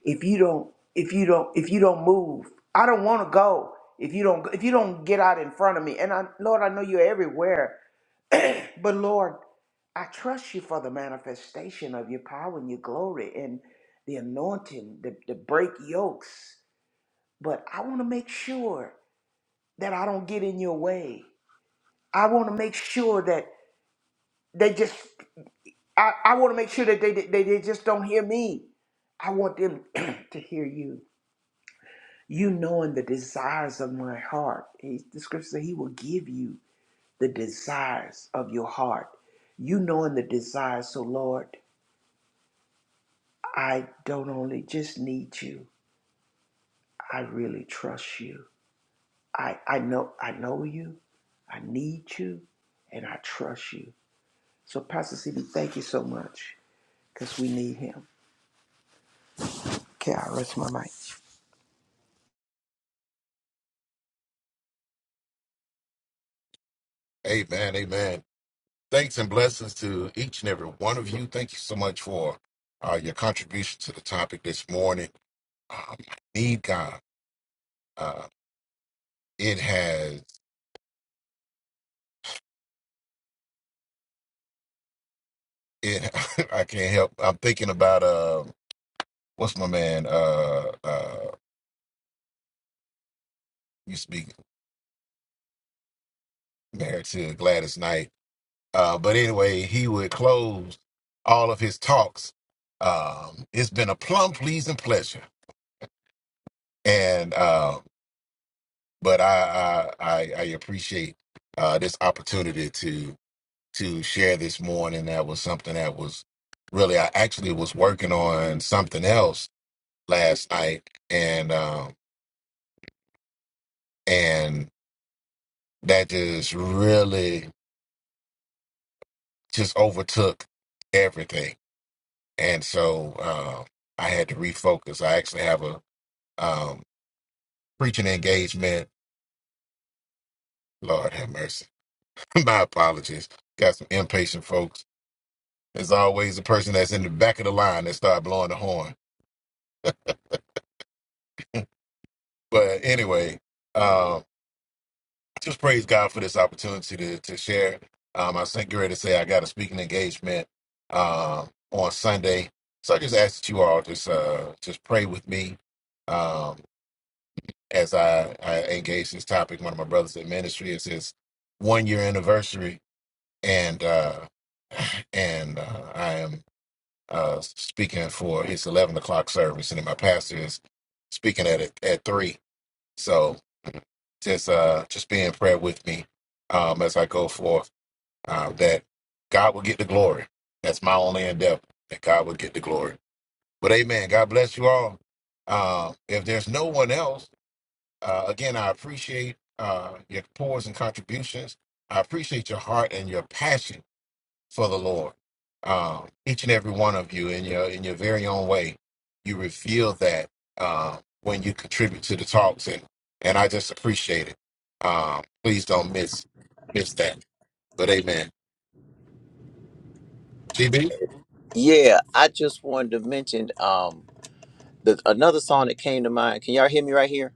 C: if you don't, if you don't, if you don't move, I don't want to go. If you don't, if you don't get out in front of me, and I, Lord, I know you're everywhere. But Lord, I trust you for the manifestation of your power and your glory and the anointing, the, the break yokes. But I want to make sure that I don't get in your way. I want to make sure that they just, I, I want to make sure that they, they, they just don't hear me. I want them to hear you. You knowing the desires of my heart. He, the scripture says he will give you the desires of your heart. You knowing the desires, so Lord, I don't only just need you, I really trust you. I, I know I know you, I need you, and I trust you. So Pastor CB, thank you so much because we need him. Okay, I will rest my mic.
B: Amen. Amen. Thanks and blessings to each and every one of you. Thank you so much for uh, your contribution to the topic this morning. Um, I need God. Uh, it has. It. I can't help. I'm thinking about uh, what's my man? Uh, uh, used to be married to Gladys Knight. Uh, but anyway, he would close all of his talks. Um, it's been a plum pleasing pleasure, and uh, but I I, I, I appreciate uh, this opportunity to to share this morning. That was something that was really I actually was working on something else last night, and um, and that just really just overtook everything, and so uh, I had to refocus. I actually have a um, preaching engagement. Lord have mercy. My apologies. Got some impatient folks. There's always the person that's in the back of the line that start blowing the horn. But anyway, uh, just praise God for this opportunity to, to share. Um, I was getting ready to say I got a speaking engagement uh, on Sunday. So I just ask that you all just uh, just pray with me um, as I, I engage this topic. One of my brothers in ministry is his one year anniversary. And uh, and uh, I am uh, speaking for his eleven o'clock service, and then my pastor is speaking at it at three. So just uh, just be in prayer with me um, as I go forth. Uh, that God will get the glory. That's my only endeavor. That God will get the glory. But Amen. God bless you all. Uh, if there's no one else, uh, again, I appreciate uh, your pours and contributions. I appreciate your heart and your passion for the Lord. Um, each and every one of you, in your in your very own way, you reveal that uh, when you contribute to the talks, and and I just appreciate it. Um, please don't miss miss that. But Amen. GB,
E: Yeah, I just wanted to mention um the another song that came to mind. Can y'all hear me right here?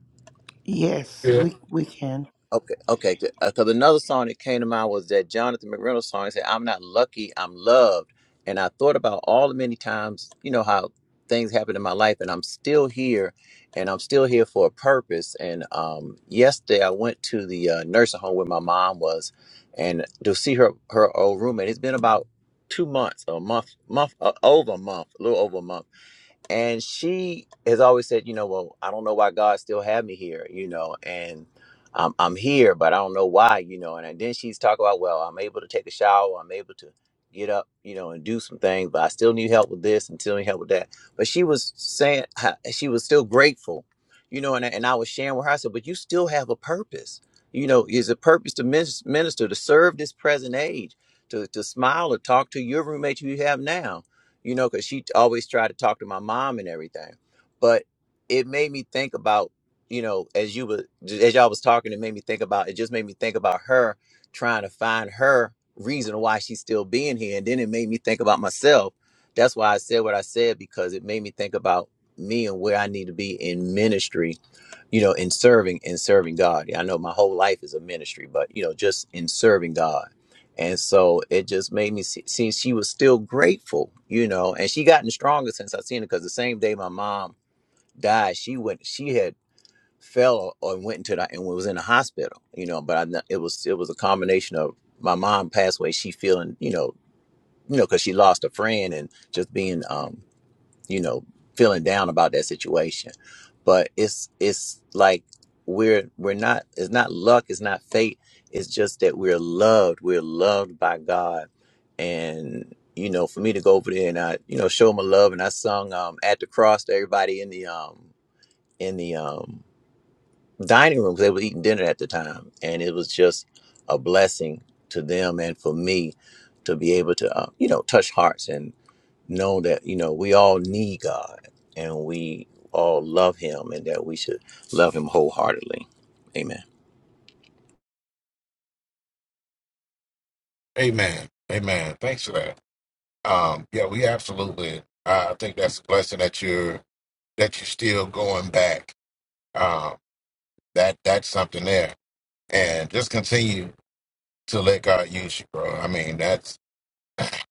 C: Yes,
B: yeah,
C: we we can.
E: Okay, okay, good. Because another song that came to mind was that Jonathan McReynolds song. He said, "I'm not lucky, I'm loved," and I thought about all the many times, you know, how things happen in my life, and I'm still here, and I'm still here for a purpose. And um, yesterday, I went to the uh, nursing home where my mom was, and to see her her old roommate. It's been about two months, a month, month, uh, over a month, a little over a month and she has always said, you know, well, I don't know why God still had me here, you know, and I'm, I'm here, but I don't know why, you know. And then she's talking about, well, I'm able to take a shower, I'm able to get up, you know, and do some things, but I still need help with this and still need help with that. But she was saying how- she was still grateful, you know, and, and I was sharing with her, I said, but you still have a purpose. You know, is a purpose to minis- minister, to serve this present age, to, to smile, to talk to your roommate who you have now you know, because she always tried to talk to my mom and everything. But it made me think about, you know, as you were, as y'all was talking, it made me think about, it just made me think about her trying to find her reason why she's still being here. And then it made me think about myself. That's why I said what I said, because it made me think about me and where I need to be in ministry, you know, in serving, in serving God. Yeah, I know my whole life is a ministry, but, you know, just in serving God and so it just made me see, see she was still grateful, you know, and she gotten stronger since I seen her because the same day my mom died, she went, she had fell or went into the, and was in the hospital, you know, but I, kn- it was, it was a combination of my mom passed away. She feeling, you know, you know, cause she lost a friend and just being, um, you know, feeling down about that situation. But it's it's like we're we're not it's not luck, it's not fate. It's just that we're loved. We're loved by God. And you know, for me to go over there and I, you know, show my love and I sung um at the cross to everybody in the um in the um dining room because they were eating dinner at the time and it was just a blessing to them and for me to be able to uh, you know touch hearts know that you know we all need God and we all love Him and that we should love Him wholeheartedly. Amen.
B: Amen, Amen. Thanks for that. Um, yeah, we absolutely. Uh, I think that's a blessing that you're that you're still going back. Um, that that's something there, and just continue to let God use you, bro. I mean, that's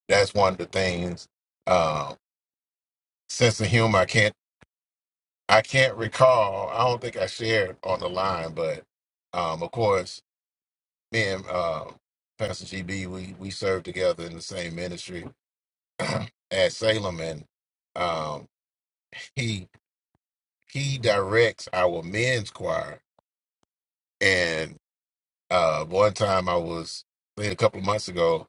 B: That's one of the things. Um, sense of humor. I can't. I can't recall. I don't think I shared on the line, but um, of course, me and uh, Pastor GB, we we served together in the same ministry at Salem, and um, he he directs our men's choir. And uh, one time, I was I think a couple of months ago,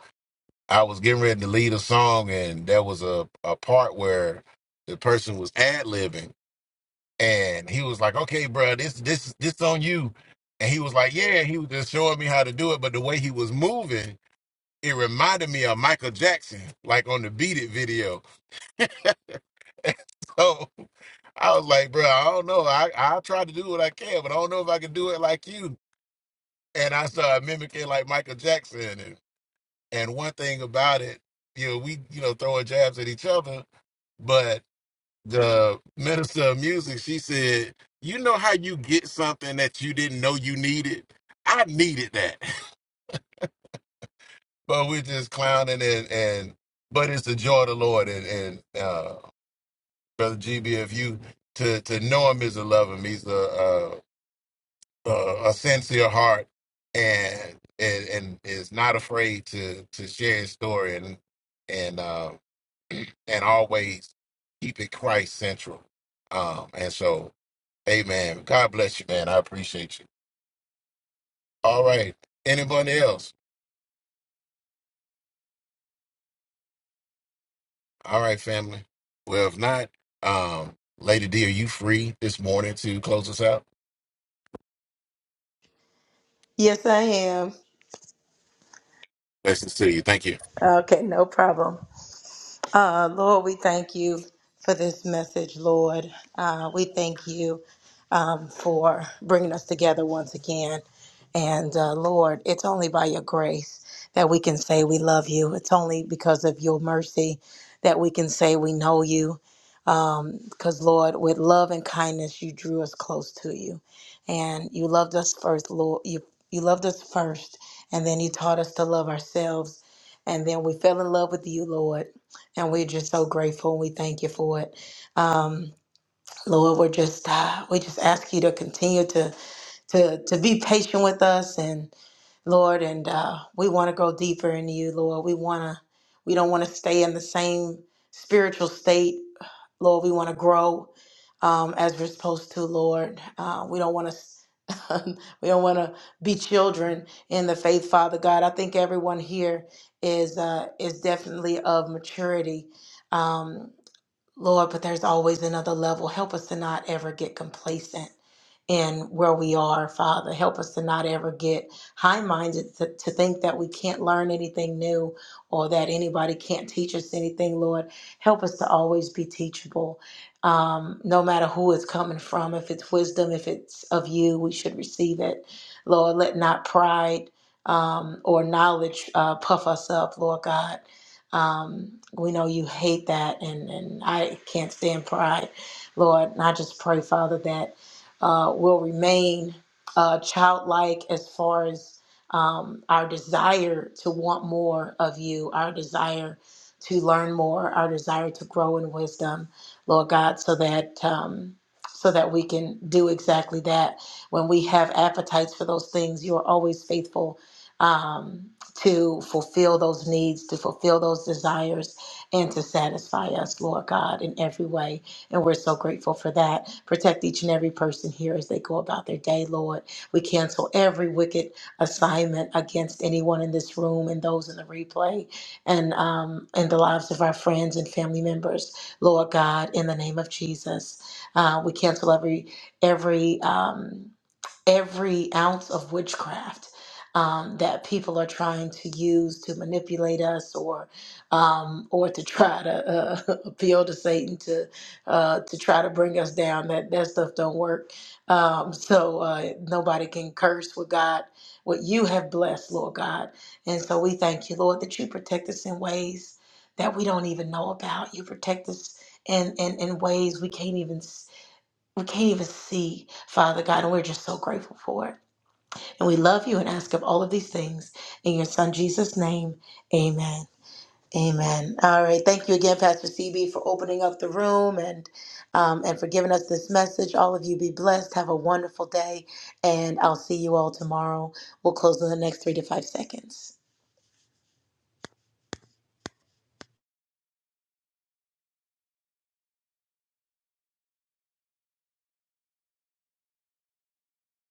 B: I was getting ready to lead a song, and there was a a part where the person was ad libbing and he was like, "Okay, bro, this this this on you." And he was like, "Yeah." He was just showing me how to do it, but the way he was moving, it reminded me of Michael Jackson, like on the Beat It video. So I was like, "Bro, I don't know. I I try to do what I can, but I don't know if I can do it like you." And I started mimicking like Michael Jackson. And and one thing about it, you know, we you know throwing jabs at each other, but. the minister of music, she said, You know how you get something that you didn't know you needed? I needed that. but we're just clowning and and but it's the joy of the Lord and, and uh Brother GB if you to to know him is to love him. He's a a, a, a sincere heart and and and is not afraid to to share his story and and uh and always keep it Christ central. Um, and so Amen. God bless you, man. I appreciate you. All right. Anybody else? All right, family. Well, if not, um, Lady D, are you free this morning to close us out?
D: Yes, I am.
B: Blessings to you. Thank you.
D: Okay, no problem. Uh, Lord, we thank you for this message, Lord. Uh, we thank you um, for bringing us together once again. And uh, Lord, it's only by your grace that we can say we love you. It's only because of your mercy that we can say we know you. Because, Lord, with love and kindness, you drew us close to you. And you loved us first, Lord. You, you loved us first. And then you taught us to love ourselves. And then we fell in love with you, Lord and we're just so grateful and we thank you for it um, lord we're just uh, we just ask you to continue to to to be patient with us and Lord, and uh, we want to go deeper in you, Lord. We want to, we don't want to stay in the same spiritual state, Lord. We want to grow um, as we're supposed to, Lord. Uh, we don't want to, we don't want to be children in the faith, Father God. I think everyone here is uh, is definitely of maturity. Um, Lord, but there's always another level. Help us to not ever get complacent in where we are, Father. Help us to not ever get high minded to, to think that we can't learn anything new or that anybody can't teach us anything, Lord. Help us to always be teachable. Um, no matter who it's coming from, if it's wisdom, if it's of you, we should receive it. Lord, let not pride um, or knowledge uh, puff us up, Lord God um, we know you hate that, and, and I can't stand pride, Lord. And I just pray, Father, that uh, we'll remain uh, childlike as far as um, our desire to want more of you, our desire to learn more, our desire to grow in wisdom, Lord God, so that. Um, so that we can do exactly that. When we have appetites for those things, you are always faithful um, to fulfill those needs, to fulfill those desires, and to satisfy us, Lord God, in every way. And we're so grateful for that. Protect each and every person here as they go about their day, Lord. We cancel every wicked assignment against anyone in this room and those in the replay and um, in the lives of our friends and family members, Lord God, in the name of Jesus. Uh, we cancel every every um, every ounce of witchcraft um, that people are trying to use to manipulate us or um, or to try to uh, appeal to Satan to uh, to try to bring us down. That that stuff don't work. Um, so uh, nobody can curse with God. What you have blessed, Lord God. And so we thank you, Lord, that you protect us in ways that we don't even know about. You protect us in, in, in ways we can't even we can't even see, Father God, and we're just so grateful for it. And we love you and ask of all of these things in your Son Jesus' name. Amen. Amen. All right. Thank you again, Pastor CB, for opening up the room and um, and for giving us this message. All of you be blessed. Have a wonderful day, and I'll see you all tomorrow. We'll close in the next three to five seconds.